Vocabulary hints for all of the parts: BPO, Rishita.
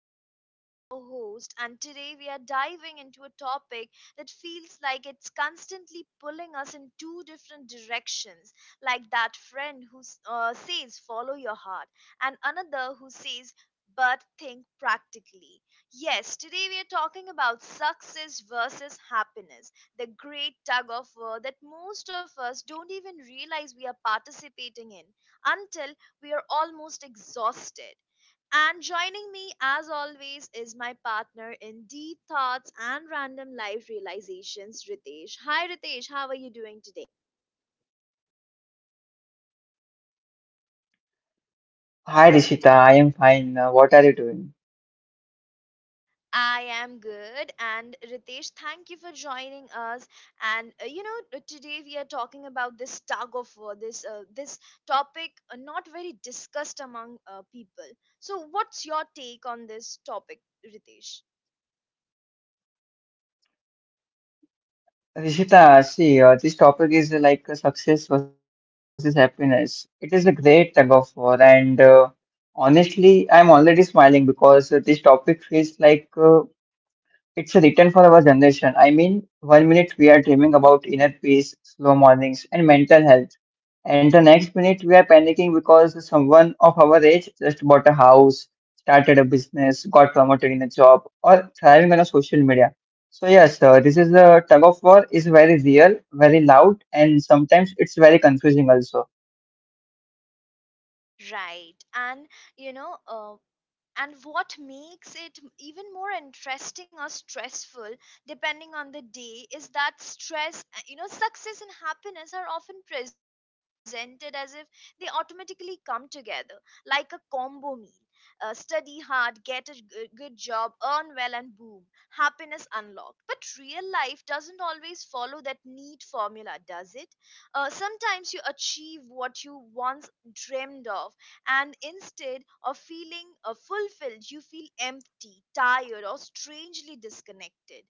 am Rishita, your host, and today we are diving into a topic that feels like it's constantly pulling us in two different directions, like that friend who says, "Follow your heart," and another who says, "But think practically." Yes, today we are talking about success versus happiness, the great tug of war that most of us don't even realize we are participating in until we are almost exhausted. And joining me, as always, is my partner in deep thoughts and random life realizations, Ritesh. Hi, Ritesh, how are you doing today? Hi Rishita, I am fine. What are you doing? I am good. And Ritesh, thank you for joining us. Today we are talking about this tug of war, this topic not very discussed among people. So, what's your take on this topic, Ritesh? Rishita, see, this topic is success versus happiness. It is a great tug of war, and honestly, I'm already smiling because this topic feels like it's written for our generation. I mean, one minute we are dreaming about inner peace, slow mornings, and mental health. And the next minute we are panicking because someone of our age just bought a house, started a business, got promoted in a job, or thriving on a social media. So yes, this is the tug of war is very real, very loud, and sometimes it's very confusing also. Right. You know, uh, and what makes it even more interesting or stressful, depending on the day, is that stress you know success and happiness are often presented as if they automatically come together, like a combo meal. Study hard, good job, earn well, and boom, happiness unlocked. But real life doesn't always follow that neat formula, does it? Sometimes you achieve what you once dreamed of, and instead of feeling fulfilled, you feel empty, tired, or strangely disconnected.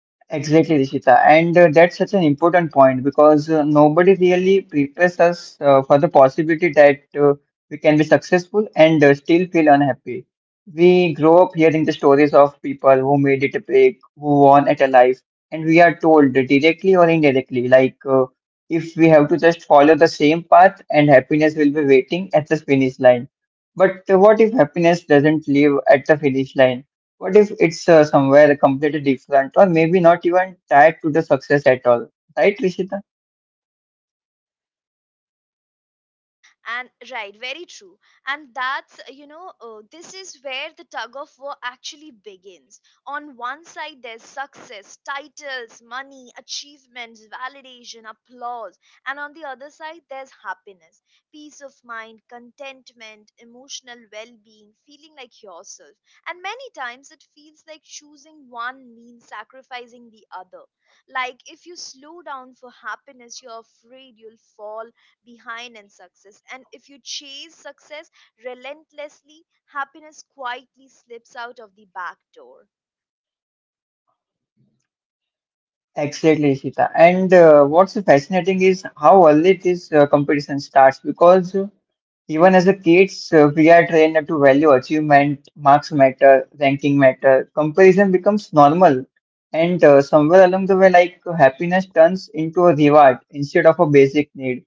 Exactly, Rishita. And that's such an important point because nobody really prepares us for the possibility that we can be successful and still feel unhappy. We grow up hearing the stories of people who made it big, who won at a life, and we are told directly or indirectly, if we have to just follow the same path and happiness will be waiting at the finish line. But what if happiness doesn't live at the finish line? What if it's somewhere completely different or maybe not even tied to the success at all? Right, Rishita? And Right, very true. And that's you know this is where the tug of war actually begins. On one side, there's success: titles, money, achievements, validation, applause. And on the other side, there's happiness: peace of mind, contentment, emotional well-being, feeling like yourself. And many times it feels like choosing one means sacrificing the other. Like if you slow down for happiness, you're afraid you'll fall behind in success. And if you chase success relentlessly, happiness quietly slips out of the back door. Exactly, Rishita. And what's fascinating is how early this competition starts because even as a kids, we are trained to value achievement, marks matter, ranking matter. Comparison becomes normal. And somewhere along the way, like happiness turns into a reward instead of a basic need.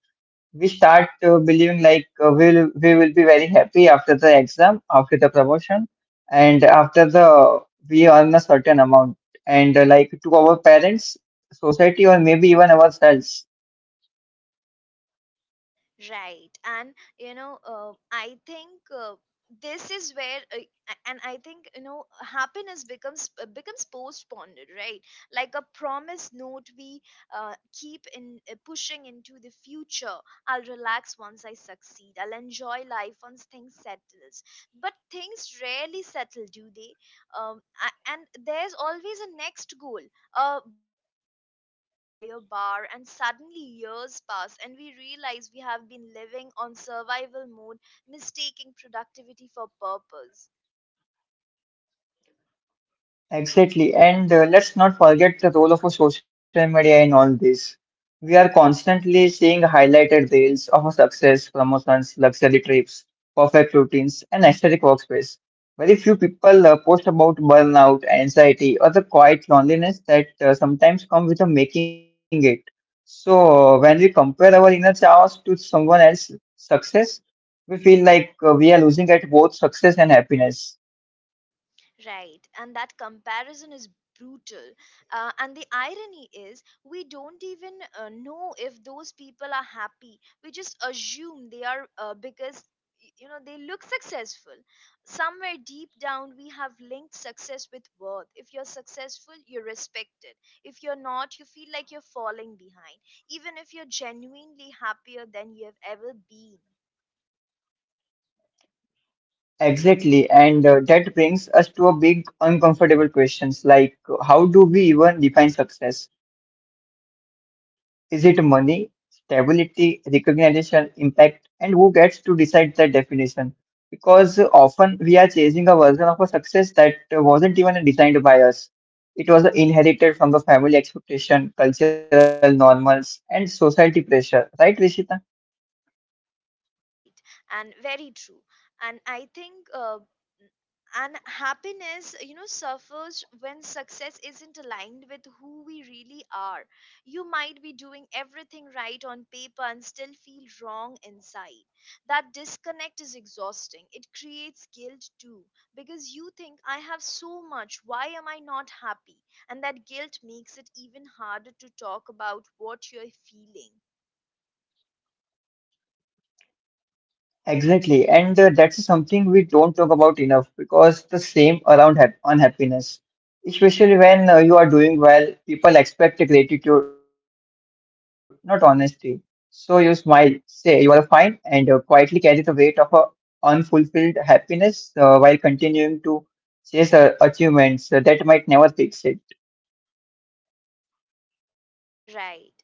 We start believing we will be very happy after the exam, after the promotion, and after the we earn a certain amount. And like to our parents, society, or maybe even ourselves, Right. And, you know, I think This is where, a- and I think, you know, happiness becomes postponed, right? Like a promise note we uh, keep in pushing into the future. I'll relax once I succeed. I'll enjoy life once things settles. But things rarely settle, do they? And there's always a next goal, a bigger milestone, a higher bar, and suddenly years pass, and we realize we have been living on survival mode, mistaking productivity for purpose. exactly. And let's not forget the role of a social media in all this. We are constantly seeing highlighted reels of our success, promotions, luxury trips, perfect routines, and aesthetic workspace. Very few people post about burnout, anxiety, or the quiet loneliness that sometimes come with a making it. So, when we compare our inner chaos to someone else's success, we feel like we are losing at both success and happiness. Right, and that comparison is brutal. And the irony is, we don't even know if those people are happy. We just assume they are, because you know they look successful. Somewhere deep down we have linked success with worth. If you're successful, you're respected. If you're not, you feel like you're falling behind, even if you're genuinely happier than you have ever been. Exactly, and that brings us to a big uncomfortable questions how do we even define success? Is it money, stability, recognition, impact, and who gets to decide that definition? Because often we are chasing a version of a success that wasn't even designed by us. It was inherited from the family expectation, cultural normals, and society pressure. Right, Rishita? Right, and very true. And I think and happiness, you know, suffers when success isn't aligned with who we really are. You might be doing everything right on paper and still feel wrong inside. That disconnect is exhausting. It creates guilt too, because you think, "I have so much, why am I not happy?" And that guilt makes it even harder to talk about what you're feeling. Exactly, and that's something we don't talk about enough because the same around hap unhappiness, especially when you are doing well, people expect gratitude, not honesty. So you smile, say you are fine, and quietly carry the weight of a unfulfilled happiness while continuing to chase achievements that might never fix it. Right.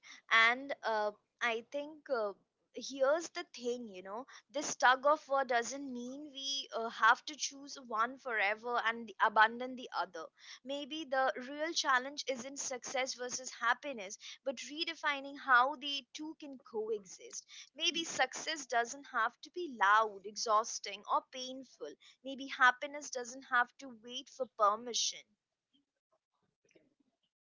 And I think Here's the thing, you know, this tug of war doesn't mean we have to choose one forever and abandon the other. Maybe the real challenge isn't success versus happiness, but redefining how the two can coexist. Maybe success doesn't have to be loud, exhausting, or painful. Maybe happiness doesn't have to wait for permission.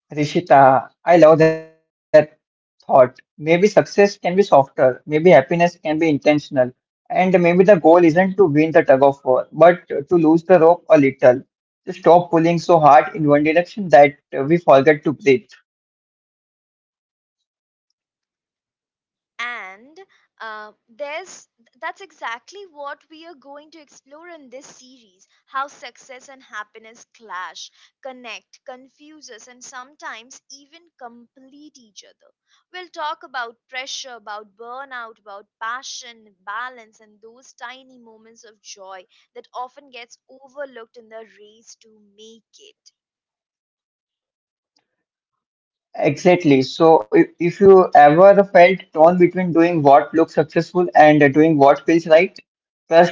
Rishita, I love that thought. Maybe success can be softer, maybe happiness can be intentional, and maybe the goal isn't to win the tug of war, but to lose the rope a little, to stop pulling so hard in one direction that we forget to breathe. And there's That's exactly what we are going to explore in this series: how success and happiness clash, connect, confuse us, and sometimes even complete each other. We'll talk about pressure, about burnout, about passion, balance, and those tiny moments of joy that often gets overlooked in the race to make it. Exactly. So if you ever felt torn between doing what looks successful and doing what feels right,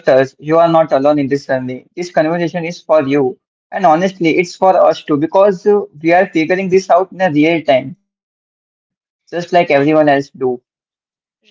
trust us, you are not alone in this journey. This conversation is for you. And honestly, it's for us too because we are figuring this out in a real time, just like everyone right else do.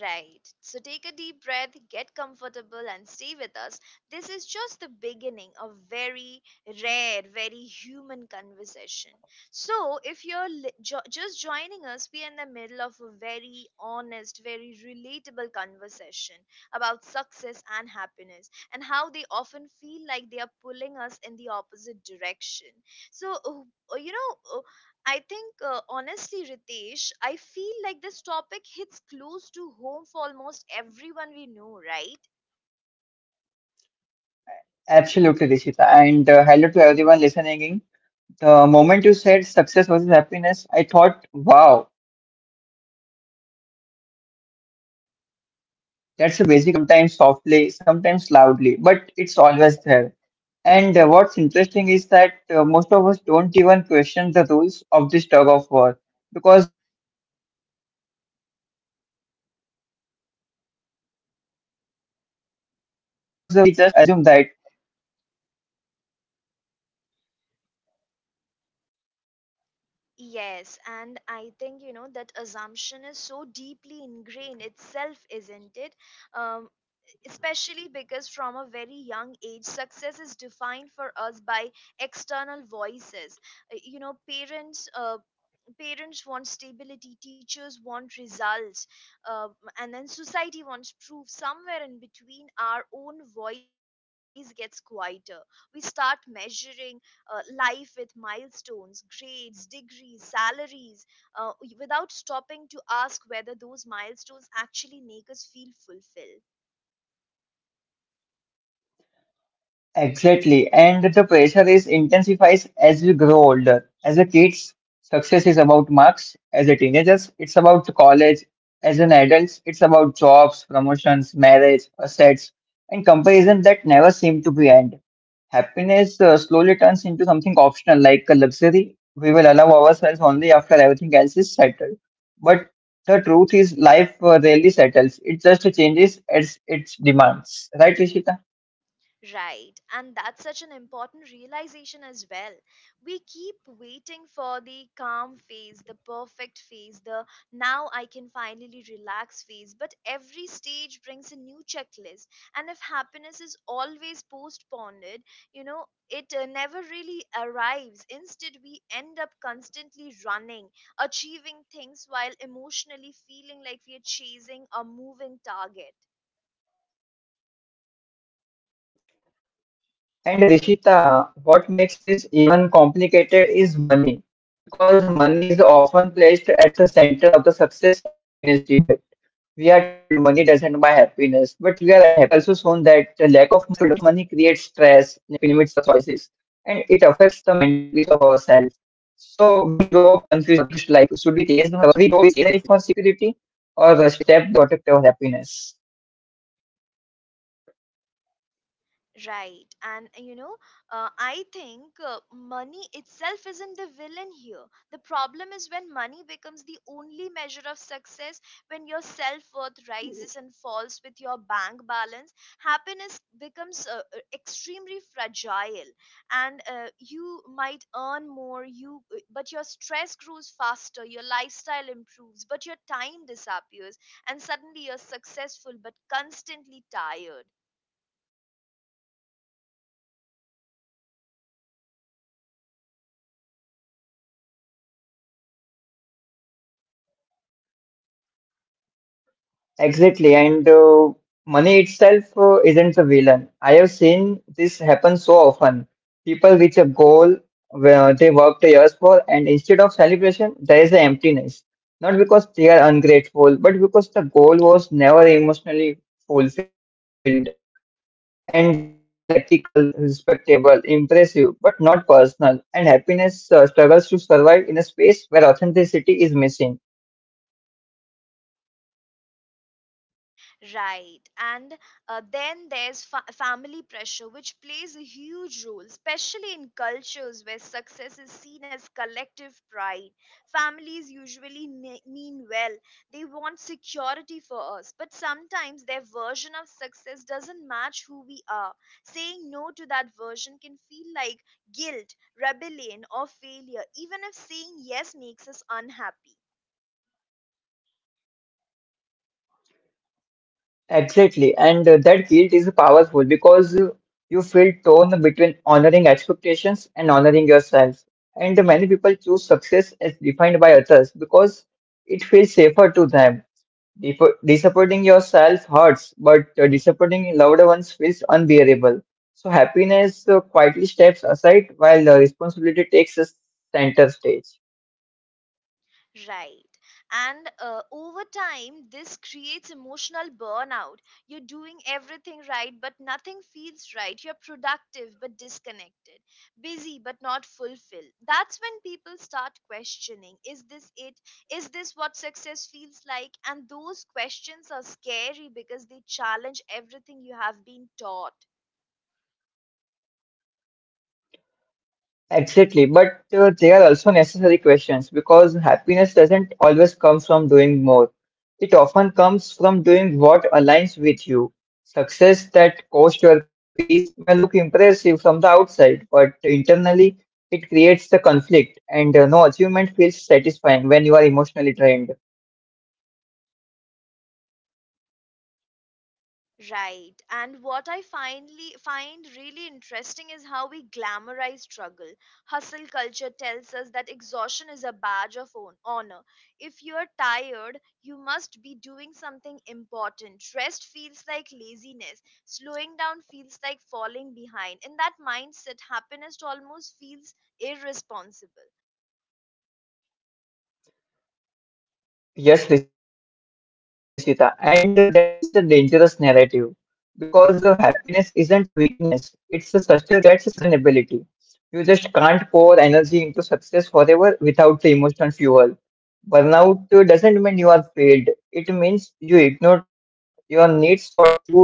Right. So take a deep breath, get comfortable, and stay with us. This is just the beginning of very rare, very human conversation. So if you're just joining us, we are in the middle of a very honest, very relatable conversation about success and happiness and how they often feel like they are pulling us in the opposite direction. So, I think, honestly, Ritesh, I feel like this topic hits close to home for almost everyone we know, right? Absolutely, Rishita. And hello to everyone listening in. The moment you said success versus happiness, I thought, wow, that's basically the background music of adulthood. It's always playing, sometimes softly, sometimes loudly, but it's always there. And what's interesting is that most of us don't even question the rules of this tug of war because we just assume that success must come first and happiness will somehow catch up later. Yes, and I think, you know, that assumption is so deeply ingrained itself, isn't it? Um, Especially because from a very young age, success is defined for us by external voices. You know, parents want stability, teachers want results, uh, and then society wants proof. Somewhere in between, our own voice gets quieter. We start measuring life with milestones, grades, degrees, salaries, uh, without stopping to ask whether those milestones actually make us feel fulfilled. Exactly. And the pressure is intensifies as we grow older. As a kids, success is about marks. As a teenagers, it's about college. As an adults, it's about jobs, promotions, marriage, assets, and comparison that never seem to be end. Happiness slowly turns into something optional, like a luxury we will allow ourselves only after everything else is settled. But the truth is, life rarely settles. It just changes as its demands. Right, Ishita? Right, and that's such an important realization as well. We keep waiting for the calm phase, the perfect phase, the "now I can finally relax" phase, but every stage brings a new checklist. And if happiness is always postponed, you know, it never really arrives. Instead, we end up constantly running, achieving things while emotionally feeling like we are chasing a moving target. And Rishita, what makes this even complicated is money, because money is often placed at the center of the success and happiness debate. We are told money doesn't buy happiness, but we are also shown that the lack of money creates stress, limits our choices, and it affects the mental peace of ourselves. So we grow up confused like, should we chase money for security or step back to protect our happiness? Right. And you know, I think Money itself isn't the villain here. The problem is when money becomes the only measure of success. When your self worth rises and falls with your bank balance, happiness becomes extremely fragile. And You might earn more, you but your stress grows faster. Your lifestyle improves, but your time disappears, and suddenly you're successful but constantly tired. Exactly, and money itself isn't the villain. I have seen this happen so often. People reach a goal where they worked years for, and instead of celebration, there is an emptiness. Not because they are ungrateful, but because the goal was never emotionally fulfilled. And it was a practical, respectable, impressive, but not personal. And happiness struggles to survive in a space where authenticity is missing. Right. And Then there's family pressure, which plays a huge role, especially in cultures where success is seen as collective pride. Families usually mean well. They want security for us, but sometimes their version of success doesn't match who we are. Saying no to that version can feel like guilt, rebellion, or failure, even if saying yes makes us unhappy. Exactly, and that guilt is powerful because you feel torn between honoring expectations and honoring yourself. And many people choose success as defined by others because it feels safer to them. Disappointing yourself hurts, but disappointing loved ones feels unbearable. So happiness quietly steps aside while responsibility takes a center stage. Right. And Over time, this creates emotional burnout. You're doing everything right, but nothing feels right. You're productive, but disconnected. Busy, but not fulfilled. That's when people start questioning, "Is this it? Is this what success feels like?" And those questions are scary because they challenge everything you have been taught. Exactly, but they are also necessary questions because happiness doesn't always come from doing more. It often comes from doing what aligns with you. Success that costs your peace may look impressive from the outside, but internally it creates the conflict, and no achievement feels satisfying when you are emotionally drained. Right. And what I finally find really interesting is how we glamorize struggle. Hustle culture tells us that exhaustion is a badge of honor. If you're tired, you must be doing something important. Rest feels like laziness. Slowing down feels like falling behind. In that mindset, happiness almost feels irresponsible. Yes, Rishita, and that's such a dangerous narrative because happiness isn't a weakness, it's a sustainability. You just can't pour energy into success forever without the emotional fuel. Burnout doesn't mean you are failed, it means you ignored your needs for too long.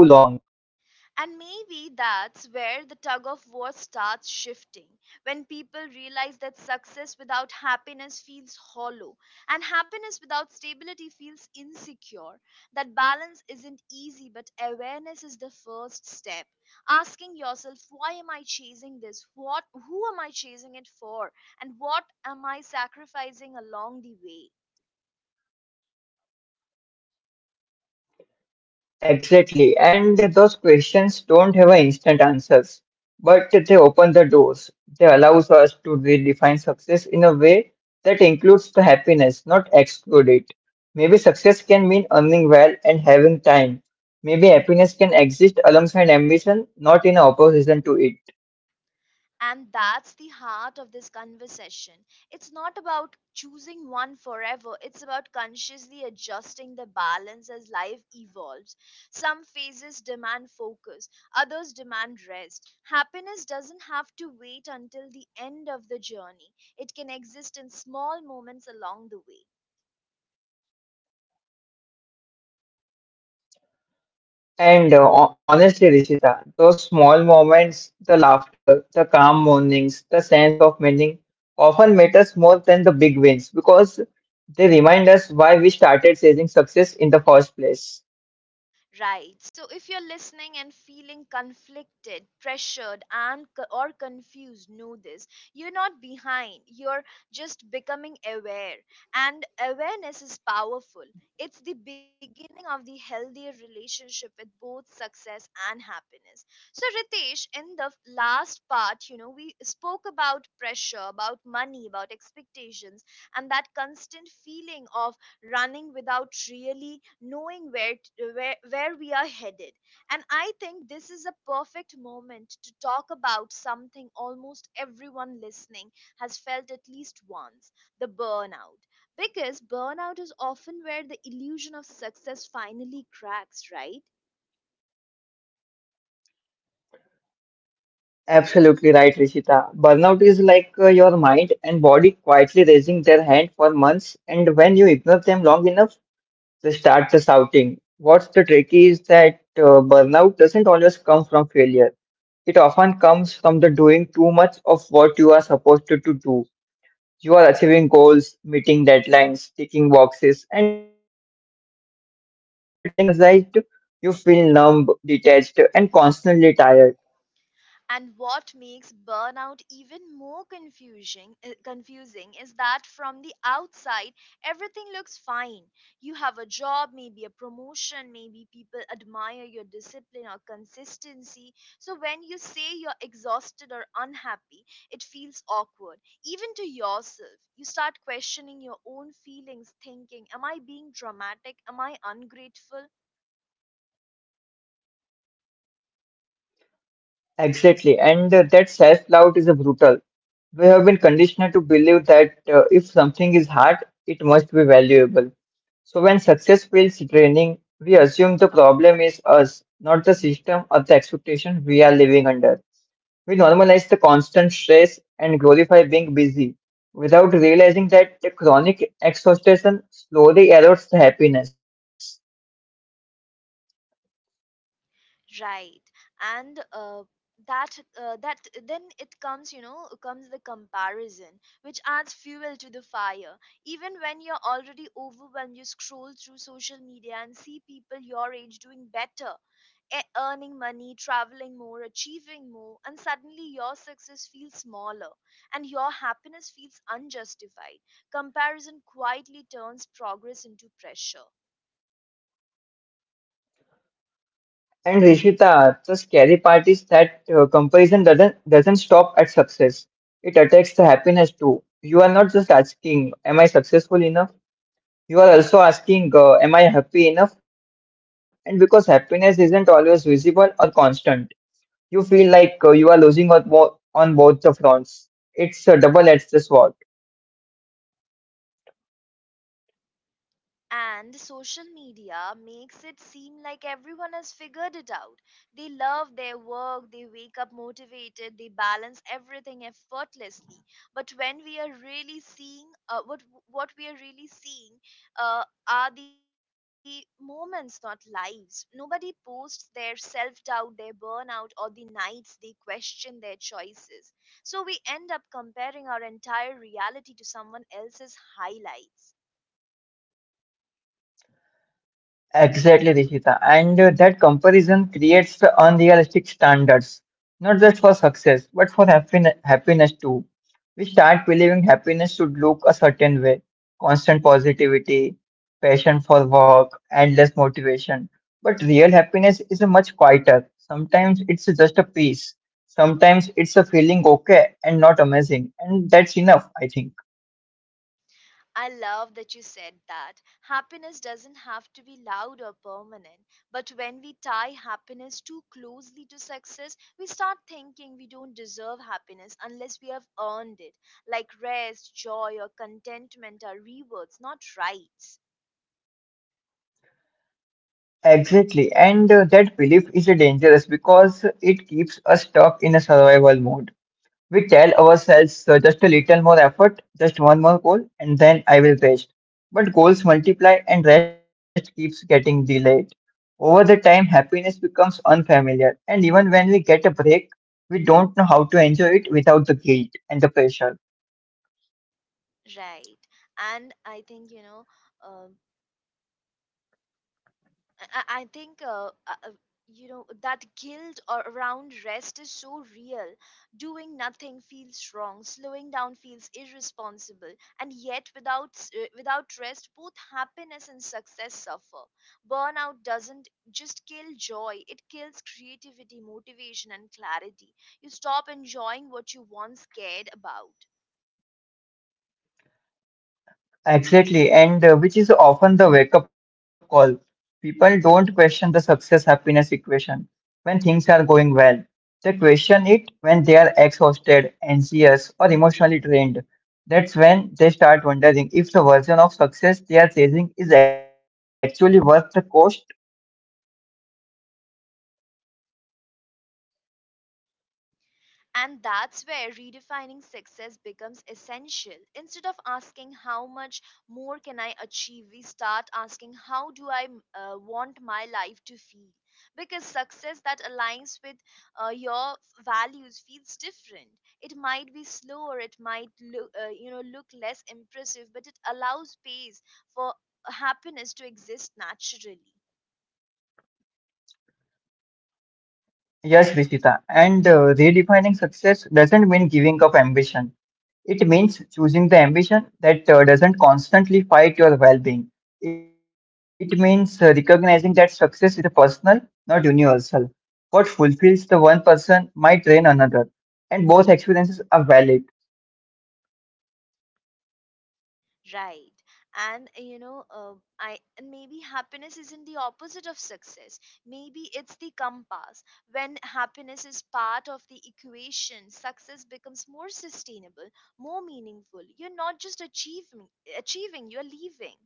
And maybe that's where the tug of war starts shifting, when people realize that success without happiness feels hollow, and happiness without stability feels insecure. That balance isn't easy, but awareness is the first step. Asking yourself, why am I chasing this? Who am I chasing it for? And what am I sacrificing along the way? Exactly. And those questions don't have an instant answers, but they open the doors. They allows us to redefine success in a way that includes the happiness, not exclude it. Maybe success can mean earning well and having time. Maybe happiness can exist alongside ambition, not in opposition to it. And that's the heart of this conversation. It's not about choosing one forever, it's about consciously adjusting the balance as life evolves. Some phases demand focus, others demand rest. Happiness doesn't have to wait until the end of the journey, it can exist in small moments along the way. And honestly, Rishita, those small moments, the laughter, the calm mornings, the sense of meaning often matters more than the big wins because they remind us why we started chasing success in the first place. Right. So if you're listening and feeling conflicted, pressured, or confused, know this. You're not behind. You're just becoming aware. And awareness is powerful. It's the beginning of the healthier relationship with both success and happiness. So Ritesh, in the last part, you know, we spoke about pressure, about money, about expectations, and that constant feeling of running without really knowing where, t- where we are headed. And I think this is a perfect moment to talk about something almost everyone listening has felt at least once: the burnout. Because burnout is often where the illusion of success finally cracks, right? Absolutely right, Rishita. Burnout is like your mind and body quietly raising their hand for months, and when you ignore them long enough, they start the shouting. What's the trick is that burnout doesn't always come from failure. It often comes from the doing too much of what you are supposed to do. You are achieving goals, meeting deadlines, ticking boxes, and yet instead of feeling energized, you feel numb, detached, and constantly tired. And what makes burnout even more confusing is that from the outside everything looks fine. You have a job, maybe a promotion, maybe people admire your discipline or consistency. So when you say you're exhausted or unhappy, it feels awkward even to yourself. You start questioning your own feelings, thinking, am I being dramatic? Am I ungrateful? Exactly, and that self doubt is a brutal. We have been conditioned to believe that if something is hard, it must be valuable. So when success feels draining, we assume the problem is us, not the system or the expectation we are living under. We normalize the constant stress and glorify being busy without realizing that the chronic exhaustion slowly erodes the happiness. Right. and that that then it comes you know comes the comparison, which adds fuel to the fire. Even when you're already overwhelmed, you scroll through social media and see people your age doing better, earning money, traveling more, achieving more, and suddenly your success feels smaller and your happiness feels unjustified. Comparison quietly turns progress into pressure. And Rishita, the scary part is that comparison doesn't stop at success. It attacks the happiness too. You are not just asking, am I successful enough? You are also asking, am I happy enough? And because happiness isn't always visible or constant, you feel like you are losing on, on both the fronts. It's a double edged sword. And social media makes it seem like everyone has figured it out. They love their work, they wake up motivated, they balance everything effortlessly. But when we are really seeing what we are really seeing uh, are the moments, not lives. Nobody posts their self doubt, their burnout, or the nights they question their choices. So we end up comparing our entire reality to someone else's highlights. Exactly, Rishita. And that comparison creates the unrealistic standards, not just for success, but for happiness, happiness too. We start believing happiness should look a certain way constant positivity, passion for work, endless motivation. But real happiness is a much quieter. Sometimes it's just a peace. Sometimes it's a feeling okay and not amazing. And that's enough, I think. I love that you said that. Happiness doesn't have to be loud or permanent, but when we tie happiness too closely to success, we start thinking we don't deserve happiness unless we have earned it. Like rest, joy, or contentment are rewards, not rights. Exactly, and that belief is dangerous because it keeps us stuck in a survival mode. We tell ourselves just a little more effort, just one more goal, and then I will rest. But goals multiply and rest keeps getting delayed. Over the time, happiness becomes unfamiliar, and even when we get a break, we don't know how to enjoy it without the guilt and the pressure. Right. And I think, you know, um I think uh, uh, you know that guilt or around rest is so real. Doing nothing feels wrong. Slowing down feels irresponsible. And yet, without rest, both happiness and success suffer. Burnout doesn't just kill joy; it kills creativity, motivation, and clarity. You stop enjoying what you once cared about. Exactly, and which is often the wake up call. People don't question the success happiness equation when things are going well. They question it when they are exhausted, anxious, or emotionally drained. That's when they start wondering if the version of success they are chasing is actually worth the cost. And that's where redefining success becomes essential. Instead of asking how much more can I achieve, we start asking how do I want my life to feel? Because success that aligns with your values feels different. It might be slower, it might look, look less impressive, but it allows space for happiness to exist naturally. Yes, Vishita, and redefining success doesn't mean giving up ambition. It means choosing the ambition that doesn't constantly fight your well being. It means recognizing that success is a personal, not universal. What fulfills the one person might drain another, and both experiences are valid. Right. And you know, I and maybe happiness isn't the opposite of success. Maybe it's the compass. When happiness is part of the equation, success becomes more sustainable, more meaningful. You're not just achieving, you're leaving.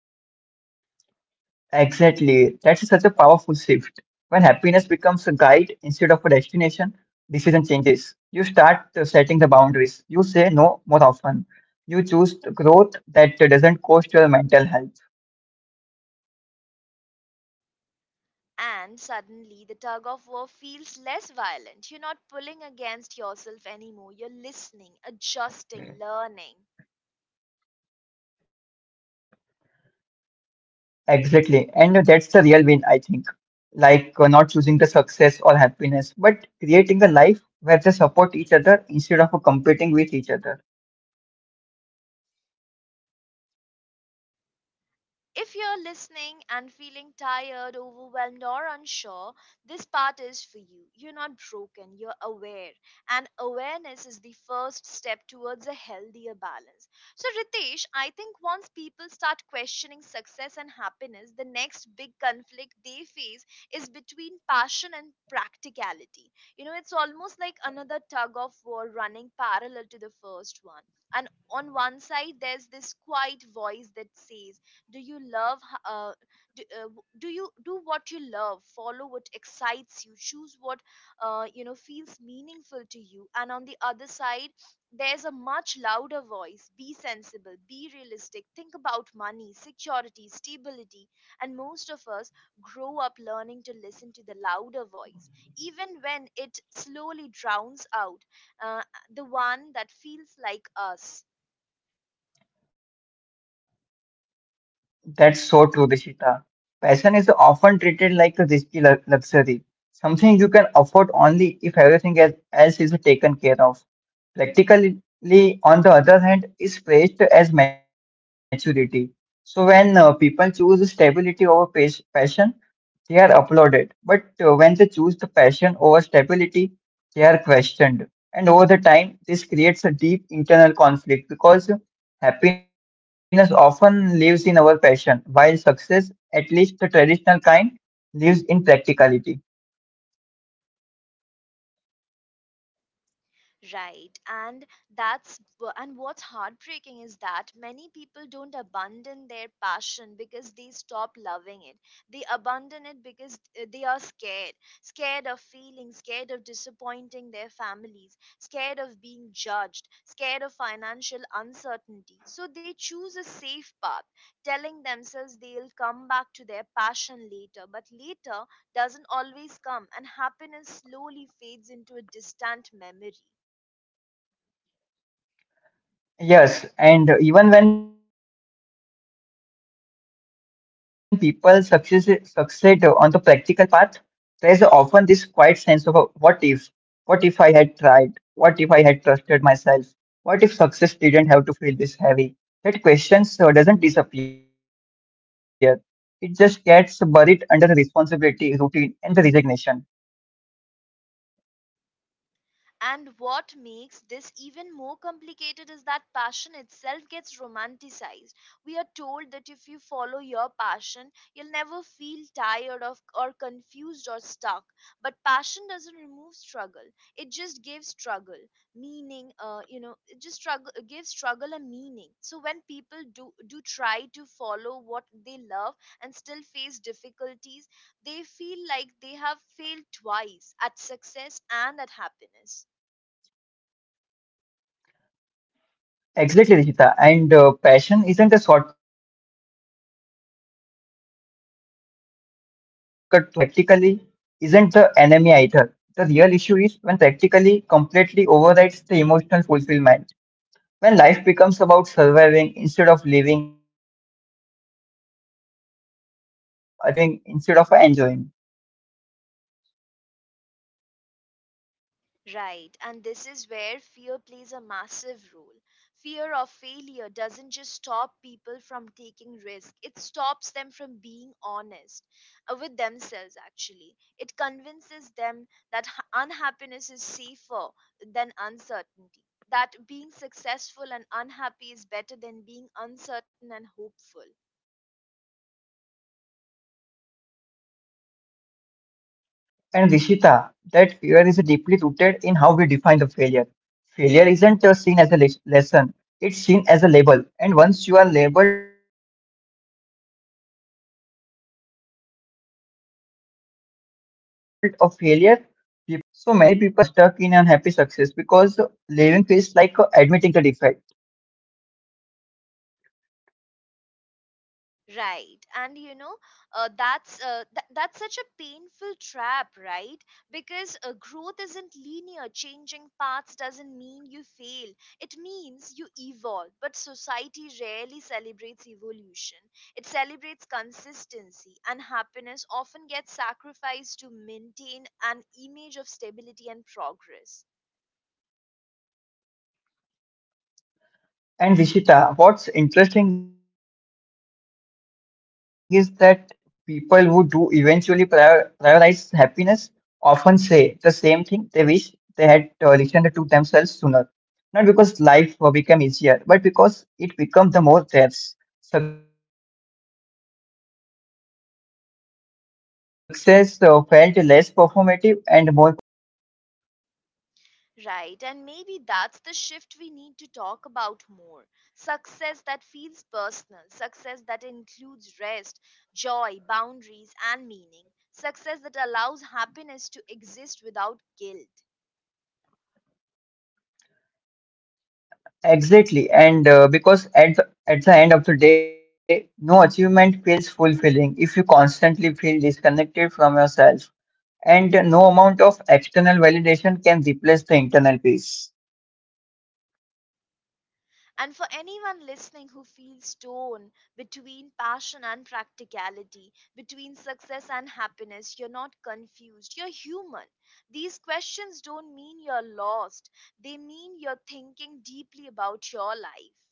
Exactly, that's such a powerful shift. When happiness becomes a guide instead of a destination, decision changes. You start setting the boundaries. You say no more often. You choose the growth that doesn't cost your mental health. And suddenly the tug of war feels less violent. You're not pulling against yourself anymore. You're listening, adjusting, learning. Exactly. And that's the real win, I think. Not choosing the success or happiness, but creating a life where they support each other instead of competing with each other. If you're listening and feeling tired, overwhelmed, or unsure, this part is for you. You're not broken, you're aware. And awareness is the first step towards a healthier balance. So, Ritesh, I think once people start questioning success and happiness, the next big conflict they face is between passion and practicality. You know, it's almost like another tug of war running parallel to the first one. And on one side, there's this quiet voice that says, do you love h- uh, do you do what you love, follow what excites you, choose what feels meaningful to you, and on the other side there's a much louder voice: be sensible, be realistic, think about money, security, stability. And most of us grow up learning to listen to the louder voice, even when it slowly drowns out uh, the one that feels like us. That's so true, Rishita. Passion is often treated like a risky luxury, something you can afford only if everything else is taken care of. Practically, on the other hand, is praised as maturity. So when people choose stability over passion, they are applauded, but when they choose the passion over stability, they are questioned. And over the time, this creates a deep internal conflict because happiness often lives in our passion, while success, at least the traditional kind, lives in practicality. Right. That's and what's heartbreaking is that many people don't abandon their passion because they stop loving it. They abandon it because they are scared, scared of feeling, scared of disappointing their families, scared of being judged, scared of financial uncertainty. So they choose a safe path, telling themselves they'll come back to their passion later, but later doesn't always come, and happiness slowly fades into a distant memory. Yes, and even when people succeed on the practical path, there is often this quiet sense of a, what if? What if I had tried? What if I had trusted myself? What if success didn't have to feel this heavy? That question doesn't disappear. It just gets buried under the responsibility, routine, and the resignation. And what makes this even more complicated is that passion itself gets romanticized. We are told that if you follow your passion, you'll never feel tired of or confused or stuck. But passion doesn't remove struggle. It just gives struggle meaning. You know, it just struggle gives struggle a meaning. So when people do try to follow what they love and still face difficulties, they feel like they have failed twice, at success and at happiness. Exactly, Rishita. And passion isn't a shortcut to happiness. It's a relationship you have to work at it. And practically isn't the enemy either. The real issue is when practically completely overrides the emotional fulfillment. When life becomes about surviving instead of living, achieving instead of enjoying. Right, and this is where fear plays a massive role. Fear of failure doesn't just stop people from taking risk, it stops them from being honest with themselves, actually. It convinces them that unhappiness is safer than uncertainty, that being successful and unhappy is better than being uncertain and hopeful. And Rishita, that fear is deeply rooted in how we define the failure. Failure isn't seen as a lesson, it's seen as a label. And once you are labeled a failure, people assume that you made the wrong choices and made the wrong decisions. So many people stay stuck in unhappy success because living feels like admitting the defeat. Right, and you know, that's such a painful trap, right? Because growth isn't linear. Changing paths doesn't mean you fail. It means you evolve. But society rarely celebrates evolution. It celebrates consistency, and happiness often gets sacrificed to maintain an image of stability and progress. And Rishita, what's interesting is that people who do eventually prioritize happiness often say the same thing: they wish they had listened to themselves sooner. Not because life become easier, but because it become the more theirs. Success felt less performative and more personal. What do you think? Right, and maybe that's the shift we need to talk about more. Success that feels personal, success that includes rest, joy, boundaries, and meaning, success that allows happiness to exist without guilt. Exactly, and because at the end of the day, no achievement feels fulfilling if you constantly feel disconnected from yourself, and no amount of external validation can replace the internal peace. And for anyone listening who feels torn between passion and practicality, between success and happiness, you're not confused, you're human. These questions don't mean you're lost, they mean you're thinking deeply about your life.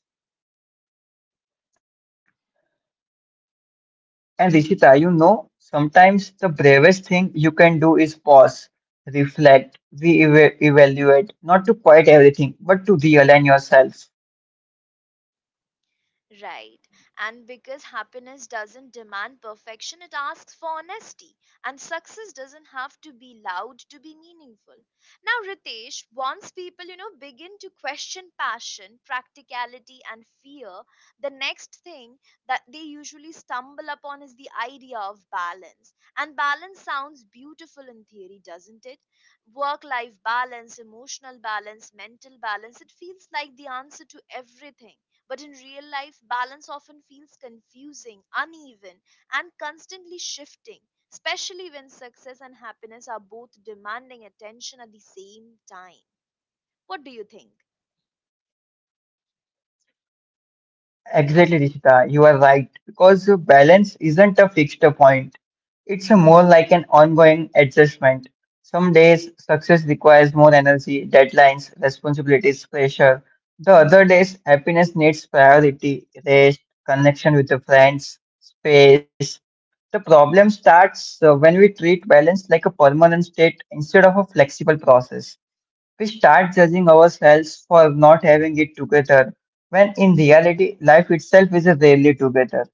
And Rishita, you know, sometimes the bravest thing you can do is pause, reflect, re-evaluate, not to quit everything, but to realign yourself. Right. And because happiness doesn't demand perfection, it asks for honesty. And success doesn't have to be loud to be meaningful. Now, Ritesh, once people, you know, begin to question passion, practicality, and fear, the next thing that they usually stumble upon is the idea of balance. And balance sounds beautiful in theory, doesn't it? Work life balance, emotional balance, mental balance. It feels like the answer to everything. But in real life, balance often feels confusing, uneven, and constantly shifting, especially when success and happiness are both demanding attention at the same time. What do you think? Exactly, Rishita. You are right. Because balance isn't a fixed point. It's more like an ongoing adjustment. Some days success requires more energy, deadlines, responsibilities, pressure. The other days happiness needs priority, rest, connection with the friends, space. The problem starts when we treat balance like a permanent state instead of a flexible process. We start judging ourselves for not having it together, when in reality, life itself is rarely together.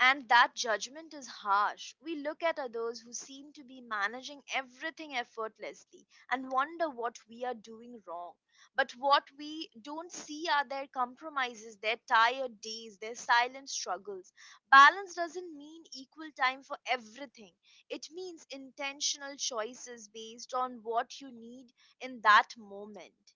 And that judgment is harsh. We look at others who seem to be managing everything effortlessly and wonder what we are doing wrong. But what we don't see are their compromises, their tired days, their silent struggles. Balance doesn't mean equal time for everything, it means intentional choices based on what you need in that moment.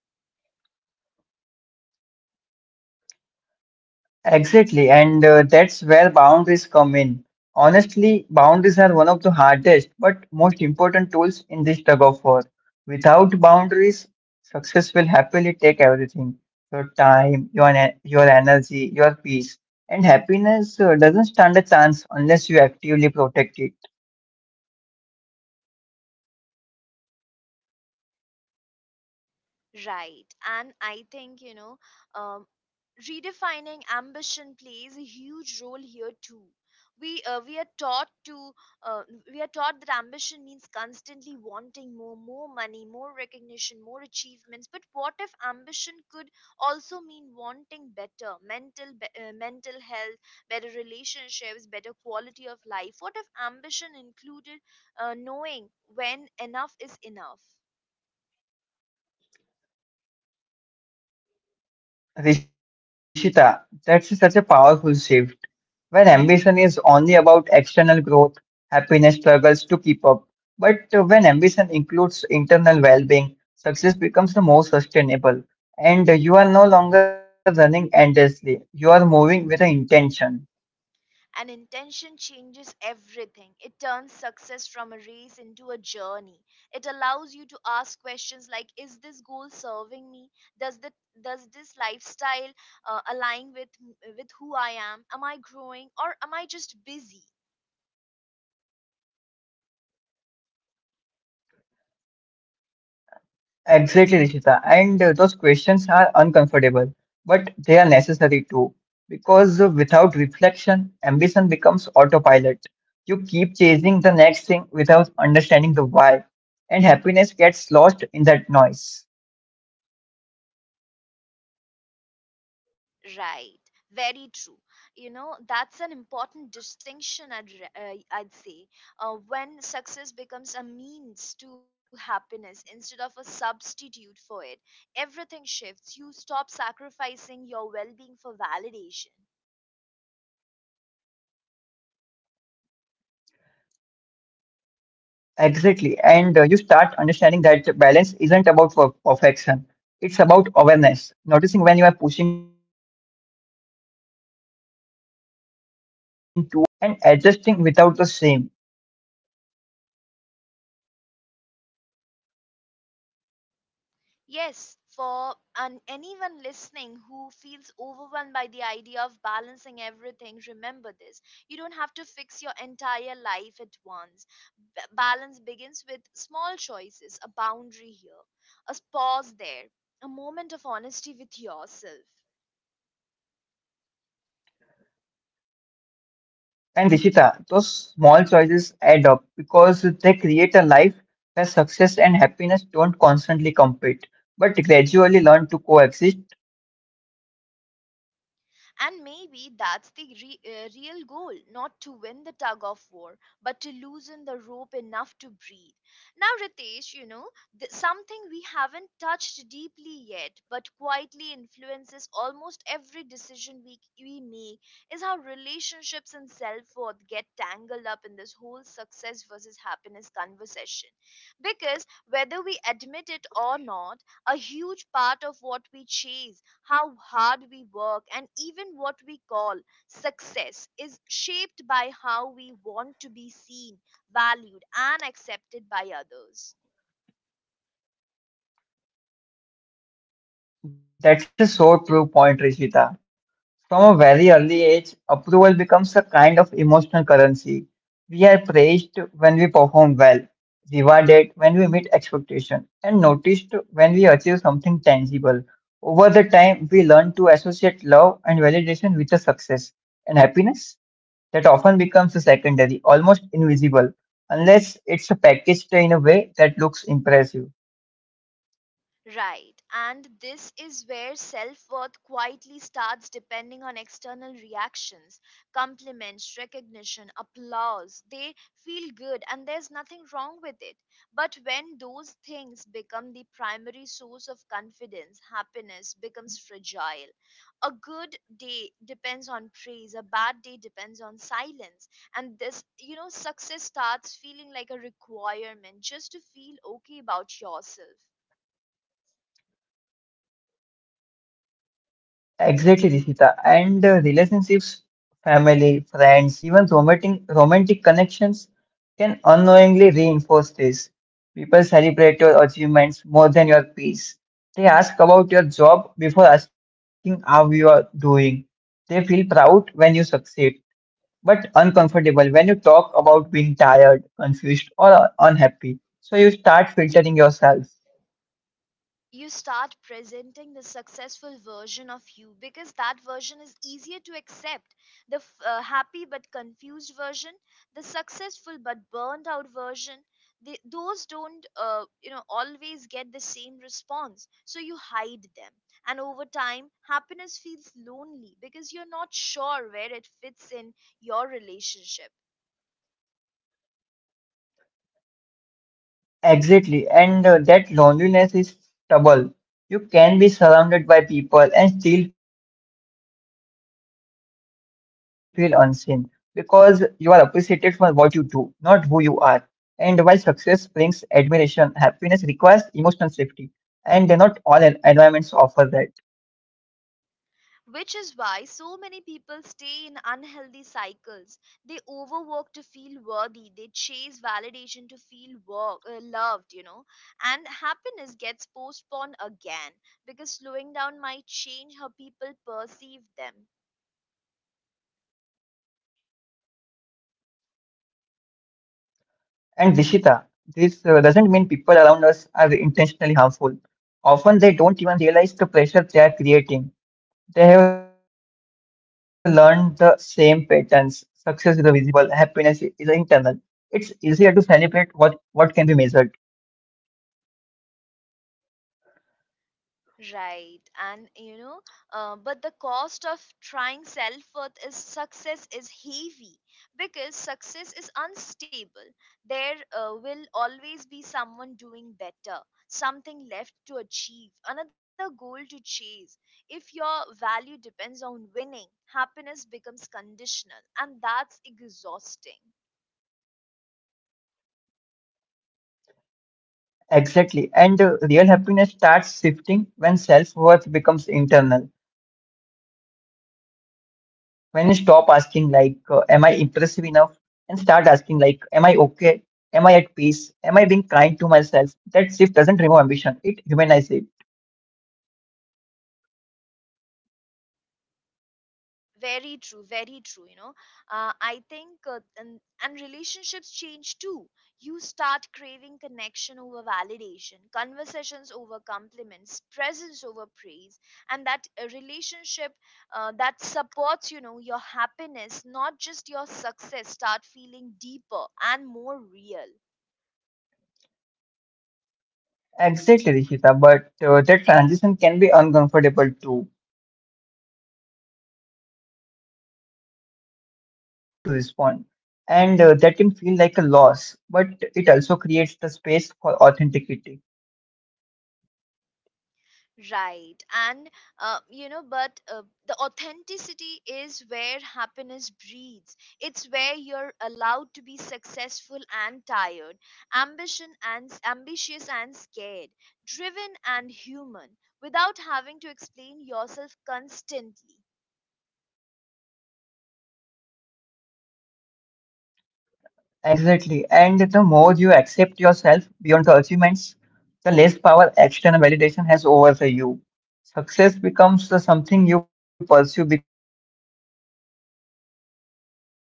Exactly, and that's where boundaries come in. Honestly, boundaries are one of the hardest but most important tools in this tug of war. Without boundaries, success will happily take everything: your time, your energy, your peace. And happiness doesn't stand a chance unless you actively protect it. Right. And I think, um, redefining ambition plays a huge role here too. We, uh, we are taught to uh, we are taught that ambition means constantly wanting more, more money, more recognition, more achievements, but what if ambition could also mean wanting better mental health, better relationships, better quality of life? What if ambition included knowing when enough is enough? Rishita, that's such a powerful shift. Where Mm-hmm. ambition is only about external growth, happiness struggles to keep up. But when ambition includes internal well being, success becomes the more sustainable. And you are no longer running endlessly, you are moving with an intention. And intention changes everything. It turns success from a race into a journey. It allows you to ask questions like, is this goal serving me? Does the does this lifestyle align with who I am? Am I growing or am I just busy? Exactly, Rishita. And those questions are uncomfortable, but they are necessary too. Because without reflection, ambition becomes autopilot. You keep chasing the next thing without understanding the why, and happiness gets lost in that noise. Right, very true. You know, that's an important distinction, I'd say. When success becomes a means to happiness instead of a substitute for it, everything shifts. You stop sacrificing your well being for validation. Exactly. And you start understanding that balance isn't about perfection. It's about awareness, noticing when you are pushing too hard, allowing yourself to slow down without the guilt, and adjusting without the shame. Yes, for anyone listening who feels overwhelmed by the idea of balancing everything, remember this. You don't have to fix your entire life at once. Balance begins with small choices, a boundary here, a pause there, a moment of honesty with yourself. And Rishita, those small choices add up because they create a life where success and happiness don't constantly compete, but gradually learn to coexist. And maybe that's the real goal, not to win the tug of war, but to loosen the rope enough to breathe. Now, Ritesh, you know, something we haven't touched deeply yet, but quietly influences almost every decision we make, is how relationships and self worth get tangled up in this whole success versus happiness conversation. Because whether we admit it or not, a huge part of what we chase, how hard we work, and even what we call success is shaped by how we want to be seen, valued, and accepted by others. That's a so true point, Rishita. From a very early age, approval becomes a kind of emotional currency. We are praised when we perform well, rewarded when we meet expectation, and noticed when we achieve something tangible. Over the time, we learn to associate love and validation with a success and happiness that often becomes a secondary, almost invisible, unless it's packaged in a way that looks impressive. Right. And this is where self worth quietly starts depending on external reactions, compliments, recognition, applause. They feel good and there's nothing wrong with it. But when those things become the primary source of confidence, happiness becomes fragile. A good day depends on praise, a bad day depends on silence. And this, you know, success starts feeling like a requirement just to feel okay about yourself. Exactly, Rishita. And relationships, family, friends, even romantic connections can unknowingly reinforce this. People celebrate your achievements more than your peace. They ask about your job before asking how you are doing. They feel proud when you succeed, but uncomfortable when you talk about being tired, confused, or unhappy. So you start filtering yourself. You start presenting the successful version of you because that version is easier to accept. The happy but confused version, the successful but burned out version, those don't always get the same response, so you hide them, and over time happiness feels lonely because you're not sure where it fits in your relationship. Exactly, and that loneliness is double. You can be surrounded by people and still feel unseen because you are appreciated for what you do, not who you are. And while success brings admiration, happiness requires emotional safety, and not all environments offer that. Which is why so many people stay in unhealthy cycles. They overwork to feel worthy, they chase validation to feel loved, you know, and happiness gets postponed again because slowing down might change how people perceive them. And Dishita, this doesn't mean people around us are intentionally harmful. Often they don't even realize the pressure they are creating. They have learned the same patterns. Success is a visible, happiness is internal. It's easier to celebrate what can be measured. Right, and you know, but the cost of trying self worth is success is heavy because success is unstable. There will always be someone doing better, something left to achieve, another goal to chase. If your value depends on winning, happiness becomes conditional, and that's exhausting. Exactly. And real happiness starts shifting when self worth becomes internal. When you stop asking, am I impressive enough? And start asking, like, am I okay? Am I at peace? Am I being kind to myself? That shift doesn't remove ambition, it humanizes it. Very true, very true, you know, and relationships change too. You start craving connection over validation, conversations over compliments, presence over praise. And that relationship that supports, you know, your happiness, not just your success, start feeling deeper and more real. Exactly, Rishita, but that transition can be uncomfortable too, because when you stop performing, some people might not know how to respond, and that can feel like a loss, but it also creates the space for authenticity. Right. And, you know, but the authenticity is where happiness breathes. It's where you're allowed to be successful and tired, ambition and ambitious and scared, driven and human, without having to explain yourself constantly. Exactly. And the more you accept yourself beyond the achievements, the less power external validation has over the you.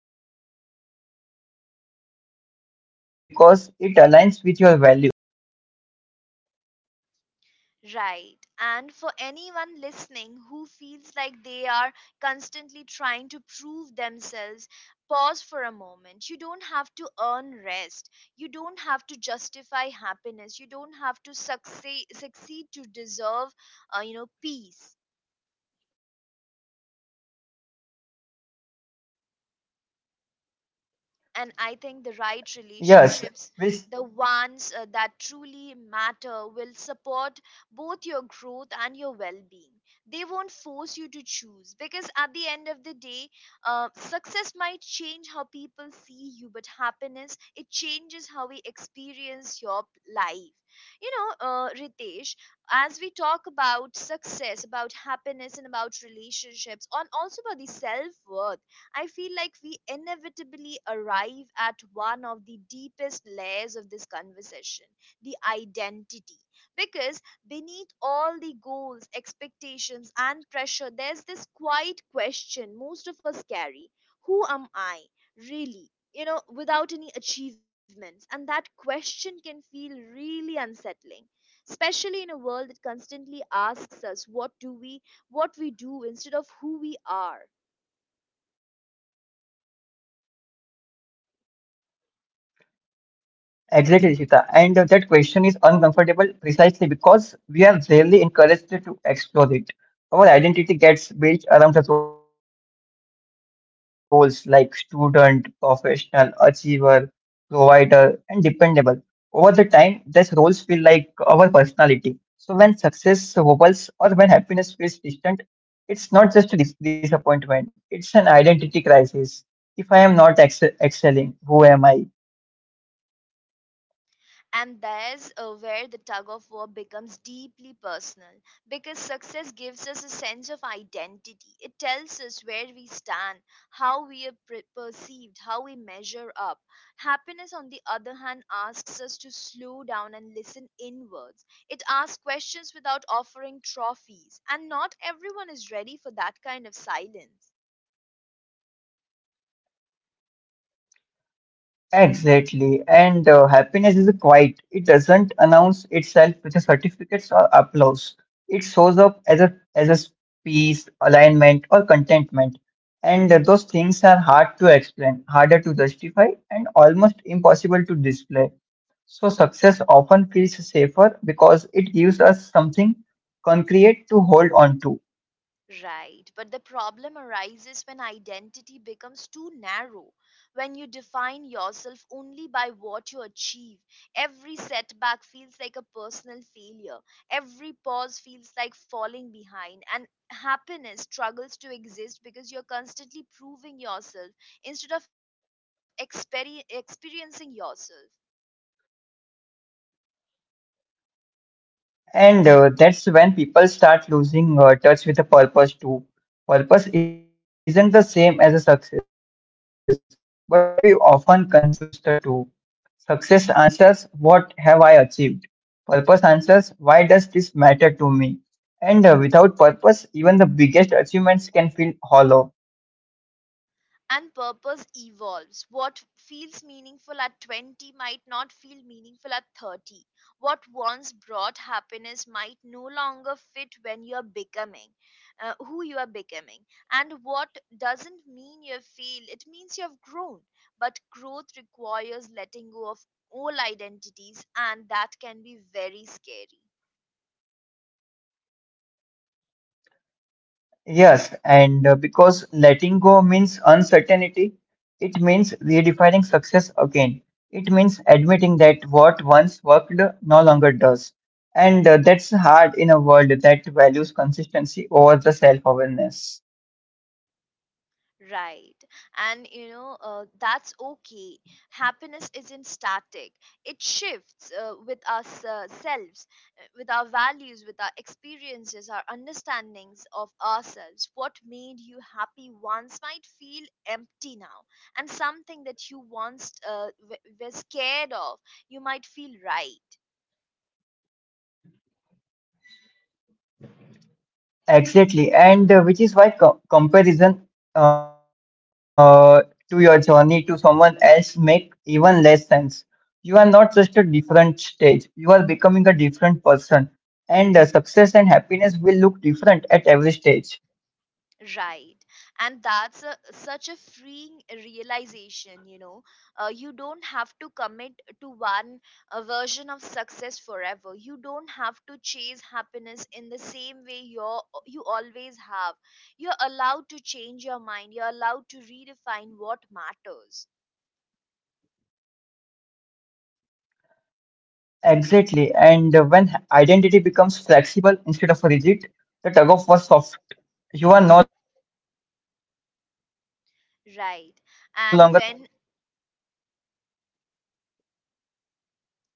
Success becomes the something you pursue because it aligns with your values, not because you need it to feel worthy. Right. And for anyone listening who feels like they are constantly trying to prove themselves, pause for a moment. You don't have to earn rest. You don't have to justify happiness. You don't have to succeed to deserve, peace. And I think the right relationships, the Yes, ones and the that right truly relationships, the matter will ones that support truly both matter, your growth will. and your well-being. They won't force you to choose, because at the end of the day, success might change how people see you, but happiness, it changes how we experience your life, you know. Ritesh, as we talk about success, about happiness, and about relationships, and also about the self-worth, I feel like we inevitably arrive at one of the deepest layers of this conversation, the identity. Because beneath all the goals, expectations, and pressure, there's this quiet question most of us carry. Who am I really? You know, without any achievements. And that question can feel really unsettling, especially in a world that constantly asks us what do we, what we do instead of who we are. Exactly, Rishita. And that question is uncomfortable precisely because we are rarely encouraged to explore it. Our identity gets built around the roles like student, professional, achiever, provider, and dependable. Over the time, these roles feel like our personality. So when success wobbles or when happiness feels distant, it's not just a disappointment, it's an identity crisis. If I am not excelling, who am I? And there's where the tug of war becomes deeply personal, because success gives us a sense of identity. It tells us where we stand, how we are perceived, how we measure up. Happiness, on the other hand, asks us to slow down and listen inwards. It asks questions without offering trophies, and not everyone is ready for that kind of silence. Exactly. And happiness is a quiet. It doesn't announce itself with a certificates or applause. It shows up as a peace, alignment, or contentment. And those things are hard to explain, harder to justify, and almost impossible to display. So success often feels safer because it gives us something concrete to hold on to. Right, but the problem arises when identity becomes too narrow, when you define yourself only by what you achieve. Every setback feels like a personal failure, every pause feels like falling behind, and happiness struggles to exist because you're constantly proving yourself instead of experiencing yourself. And that's when people start losing touch with the purpose too. Purpose isn't the same as a success, but we often confuse the two. Success answers, what have I achieved? Purpose answers, why does this matter to me? And without purpose, even the biggest achievements can feel hollow. And purpose evolves. What feels meaningful at 20 might not feel meaningful at 30. What once brought happiness might no longer fit when you're becoming who you are becoming. And what doesn't mean you've failed, it means you've grown. But growth requires letting go of all identities, and that can be very scary. Yes, and because letting go means uncertainty, it means redefining success again. It means admitting that what once worked no longer does. And that's hard in a world that values consistency over the self-awareness. Right. And you know, that's okay. Happiness isn't static, it shifts with ourselves, with our values, with our experiences, our understandings of ourselves. What made you happy once might feel empty now, and something that you once were scared of, you might feel right. Exactly, and which is why co comparison uh, to your journey to someone else make even less sense. You are not just a different stage, you are becoming a different person, and success and happiness will look different at every stage. Right. And that's a, such a freeing realization, you know. You don't have to commit to one version of success forever. You don't have to chase happiness in the same way you always have. You're allowed to change your mind, you're allowed to redefine what matters. Exactly, and when identity becomes flexible instead of rigid, the tug of war soft. You are no longer fighting yourself, you are listening, Right. And adapting, and when growing.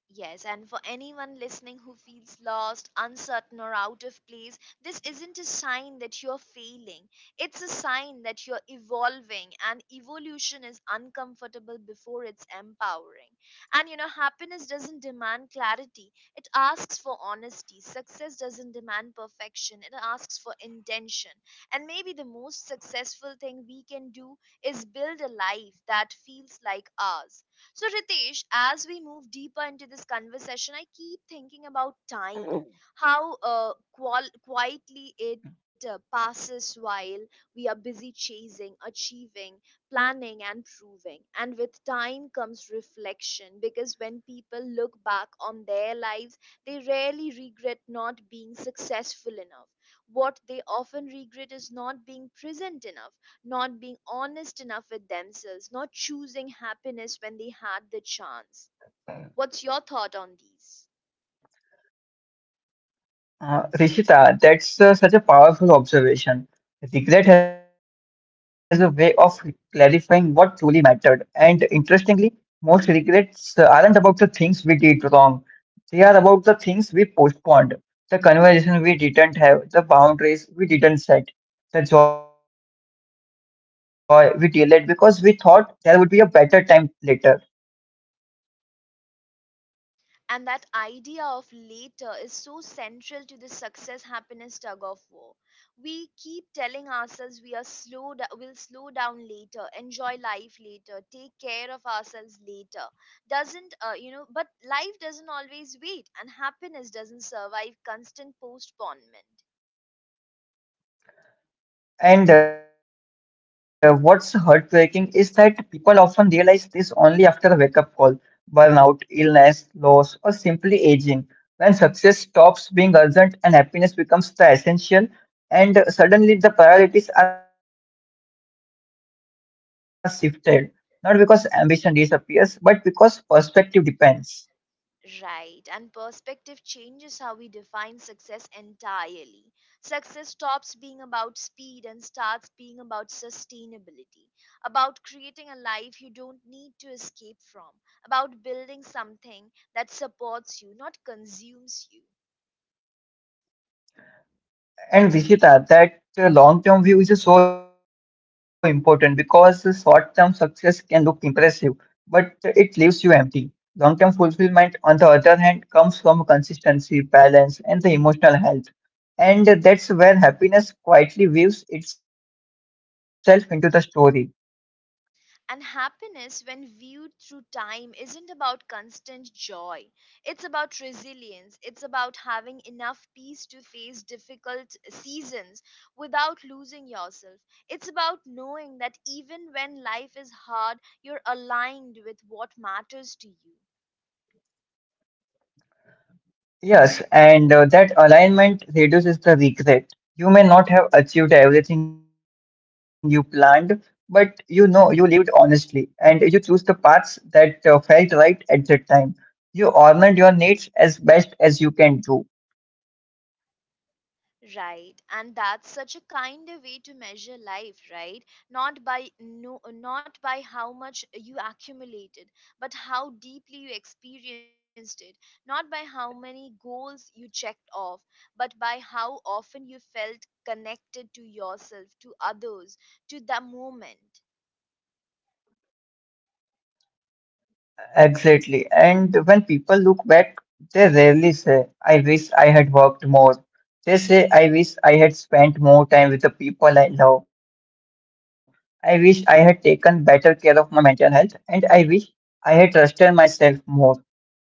Yes, and for anyone listening who feels lost, uncertain, or out of place, this isn't a sign that you're failing. It's a sign that you're evolving, and evolution is uncomfortable before it's empowering. And you know, happiness doesn't demand clarity, it asks for honesty. Success doesn't demand perfection, it asks for intention. And maybe the most successful thing we can do is build a life that feels like ours. So, Ritesh, as we move deeper into this conversation, I keep thinking about time, how quietly it passes while we are busy chasing, achieving, planning, and proving. And with time comes reflection, because when people look back on their lives, they rarely regret not being successful enough. What they often regret is not being present enough, not being honest enough with themselves, not choosing happiness when they had the chance. What's your thought on these? Rishita, that's such a powerful observation. Regret has a way of clarifying what truly mattered. And interestingly, most regrets aren't about the things we did wrong, they are about the things we postponed, the conversation we didn't have, the boundaries we didn't set, the joy we delayed because we thought there would be a better time later. And that idea of later is so central to the success happiness tug of war. We keep telling ourselves we are will slow down later, enjoy life later, take care of ourselves later. Doesn't but life doesn't always wait, and happiness doesn't survive constant postponement. And what's heartbreaking is that people often realize this only after a wake up call: burnout, illness, loss, or simply aging. When success stops being urgent and happiness becomes the essential, and suddenly the priorities are shifted, not because ambition disappears, but because perspective depends. Right, and perspective changes how we define success entirely. Success stops being about speed and starts being about sustainability, about creating a life you don't need to escape from, about building something that supports you, not consumes you. And Vishita, that long-term view is so important because the short-term success can look impressive, but it leaves you empty. Long-term fulfillment, on the other hand, comes from consistency, balance, and the emotional health. And that's where happiness quietly weaves itself into the story. And happiness, when viewed through time, isn't about constant joy. It's about resilience. It's about having enough peace to face difficult seasons without losing yourself. It's about knowing that even when life is hard, you're aligned with what matters to you. Yes, and that alignment reduces the regret. You may not have achieved everything you planned, but you know you lived honestly and you choose the paths that felt right at the time. You honored your needs as best as you can do. Right, and that's such a kinder way to measure life, right? Not by no, not by how much you accumulated, but how deeply you experienced it. Not by how many goals you checked off, but by how often you felt connected to yourself, to others, to the moment. Exactly. And when people look back, they rarely say, I wish I had worked more. They say, I wish I had spent more time with the people I love. I wish I had taken better care of my mental health. And I wish I had trusted myself more.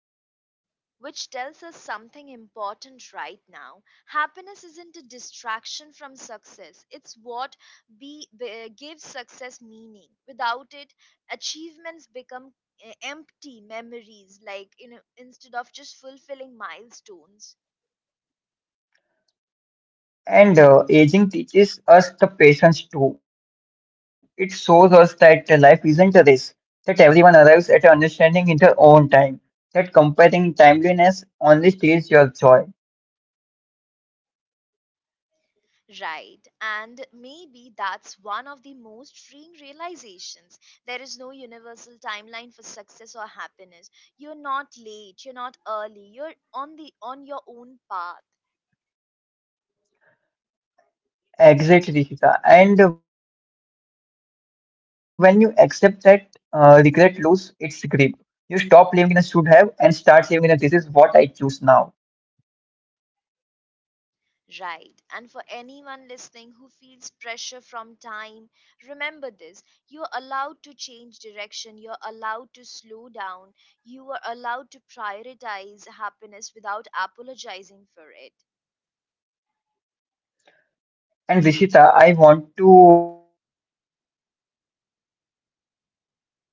Which tells us something important right now. Happiness isn't a distraction from success, it's what gives success meaning. Without it, achievements become empty memories, like you know, instead of just fulfilling milestones. And aging teaches us the patience too. It shows us that the life isn't a race, that everyone arrives at understanding in their own time, that comparing timeliness only steals your joy. Right, and maybe that's one of the most freeing realizations. There is no universal timeline for success or happiness. You're not late, you're not early, you're on the on your own path. Exactly, Sita. And when you accept that regret lose its grip, you stop living in a should have and start living in a this is what I choose now. Right. And for anyone listening who feels pressure from time, remember this. You're allowed to change direction. You're allowed to slow down. You are allowed to prioritize happiness without apologizing for it. And Rishita, I want to say one thing because, like,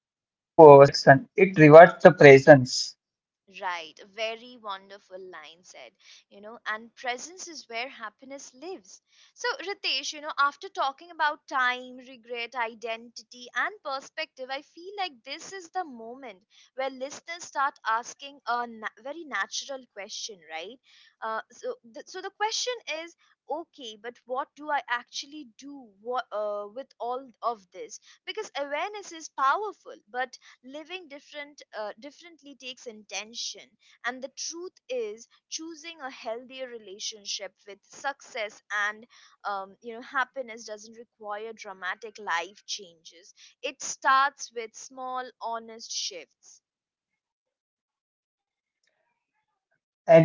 time doesn't reward the perfection, it rewards the presence. Right, a very wonderful line said, you know, and presence is where happiness lives. So, Ritesh, you know, after talking about time, regret, identity, and perspective, I feel like this is the moment where listeners start asking a very natural question, right? So, so the question is, okay, but what do I actually do what, with all of this? Because awareness is powerful, but living differently takes intention, and the truth is choosing a healthier relationship with success and you know, happiness doesn't require dramatic life changes, it starts with small honest shifts.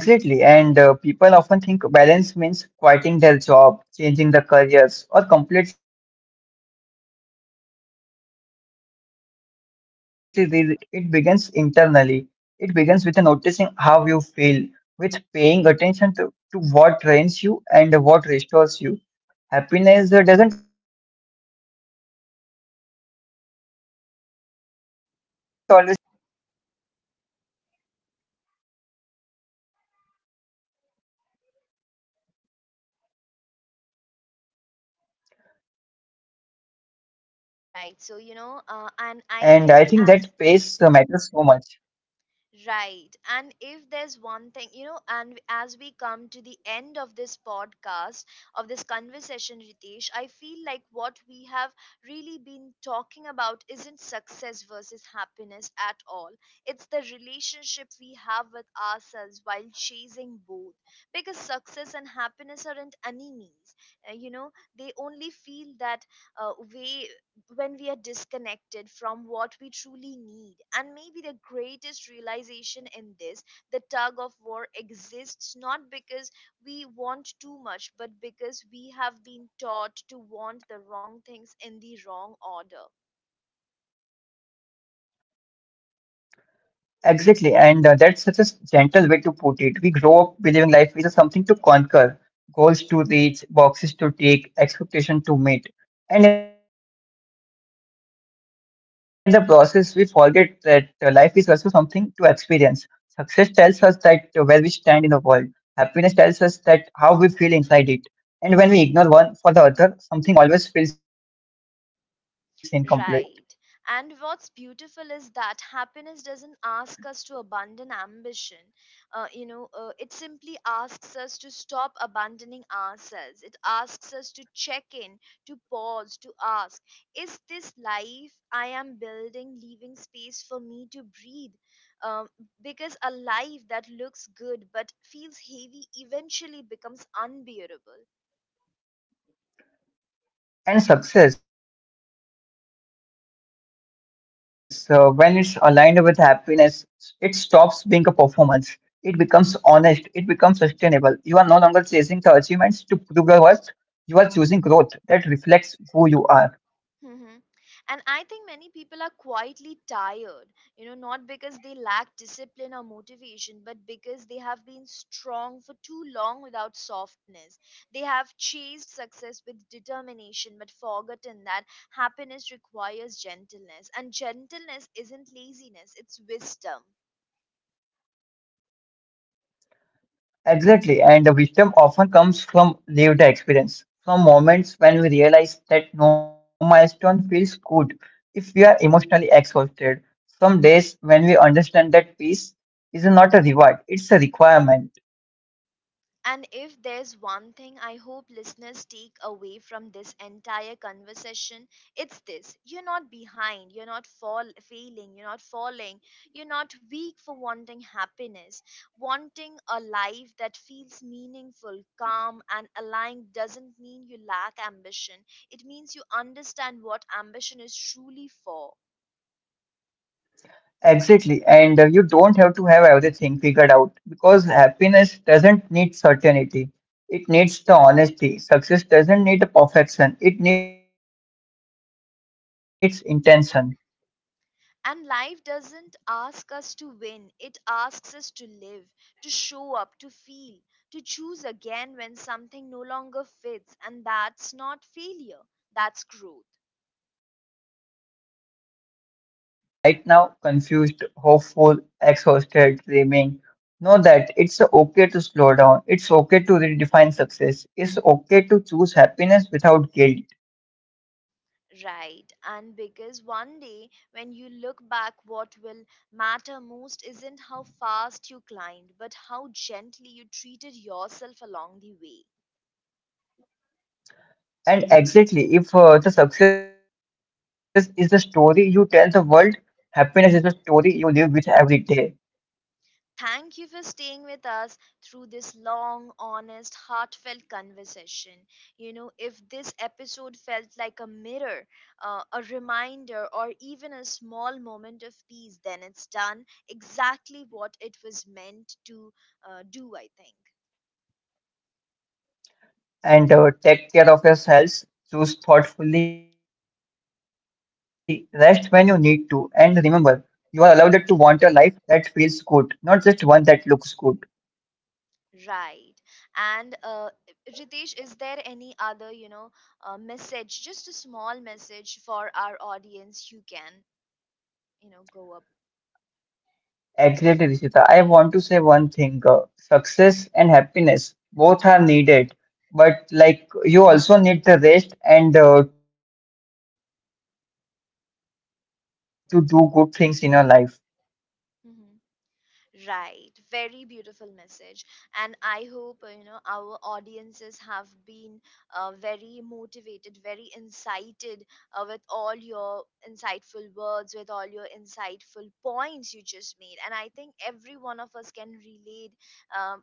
Absolutely. And people often think balance means quitting their job, changing their careers, or completely redesigning their lives. But more often than not, it begins internally. It begins with a noticing how you feel, with paying attention to what drains you and what restores you. Happiness doesn't always demand a new path, it often asks for a new pace. Right so And I you think know that and pace I think matters so as much. Right. And if there's one thing, you know, and as we come to the end of this podcast, of this conversation, Ritesh, I feel like what we have really been talking about isn't success versus happiness at all. It's the relationship we have with ourselves while chasing both. Because success and happiness aren't enemies. You know, they only feel that way when we are disconnected from what we truly need. And maybe the greatest realization in this, the tug of war exists not because we want too much, but because we have been taught to want the wrong things in the wrong order. Exactly, and that's such a gentle way to put it. We grow up believing life is a something to conquer, goals to reach, boxes to tick, expectation to meet. And in the process, we forget that life is also something to experience. Success tells us that where we stand in the world. Happiness tells us that how we feel inside it. And when we ignore one for the other, something always feels incomplete. Right. And what's beautiful is that happiness doesn't ask us to abandon ambition. It simply asks us to stop abandoning ourselves. It asks us to check in, to pause, to ask, is this life I am building leaving space for me to breathe? Um, because a life that looks good but feels heavy eventually becomes unbearable. And success, when it's aligned with happiness, it stops being a performance. It becomes honest. It becomes sustainable. You are no longer chasing the achievements to prove your worth. You are choosing growth that reflects who you are. Hmm. And I think many people are quietly tired, you know, not because they lack discipline or motivation, but because they have been strong for too long without softness. They have chased success with determination, but forgotten that happiness requires gentleness. And gentleness isn't laziness, it's wisdom. Exactly, and the wisdom often comes from lived experience, from moments when we realize that no milestone feels good if we are emotionally exhausted. Some days when we understand that peace is not a reward, it's a requirement. And if there's one thing I hope listeners take away from this entire conversation, it's this: you're not behind, you're not failing, you're not falling, you're not weak for wanting happiness. Wanting a life that feels meaningful, calm, and aligned doesn't mean you lack ambition, it means you understand what ambition is truly for. Exactly, and you don't have to have everything figured out because happiness doesn't need certainty, it needs the honesty. Success doesn't need perfection, it needs intention. And life doesn't ask us to win, it asks us to live, to show up, to feel, to choose again when something no longer fits. And that's not failure, that's growth. So, wherever you are right now, confused, hopeful, exhausted, dreaming, know that it's okay to slow down. It's okay to redefine success. It's okay to choose happiness without guilt. Right, and because one day when you look back, what will matter most isn't how fast you climbed, but how gently you treated yourself along the way. And exactly, if the success is the story you tell the world, happiness is the story you live with every day. Thank you for staying with us through this long, honest, heartfelt conversation. You know, if this episode felt like a mirror, a reminder, or even a small moment of peace, then it's done exactly what it was meant to do, I think. And Take care of yourselves. Choose thoughtfully, rest when you need to, and remember, you are allowed to want a life that feels good, not just one that looks good. Right. And Ritesh, is there any other, you know, message, just a small message for our audience you can, you know, go up? Exactly, Rishita. I want to say one thing: success and happiness both are needed, but like you also need the rest and to do good things in your life. Mm-hmm. Right, very beautiful message, and I hope you know, our audiences have been very motivated, very incited with all your insightful words, with all your insightful points you just made, and I think every one of us can relate um,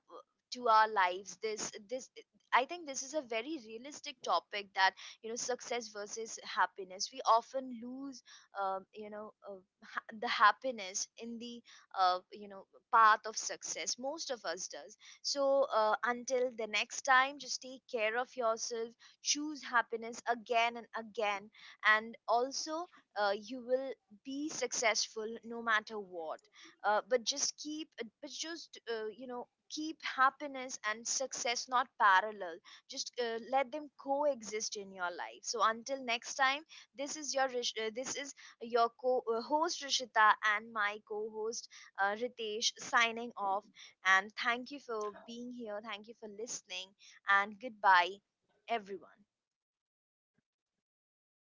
to our lives. This, I think this is a very realistic topic that, you know, success versus happiness. We often lose um, you know uh, the happiness in the uh, you know path of success, most of us does. So until the next time, just take care of yourself, choose happiness again and again, and also you will be successful no matter what. Uh, but just keep but just you know keep happiness and success not parallel, just let them coexist in your life. So until next time, this is your this is your host Rishita, and my co-host Ritesh signing off. And thank you for being here. Thank you for listening. And goodbye, everyone. Thank you, Rishita.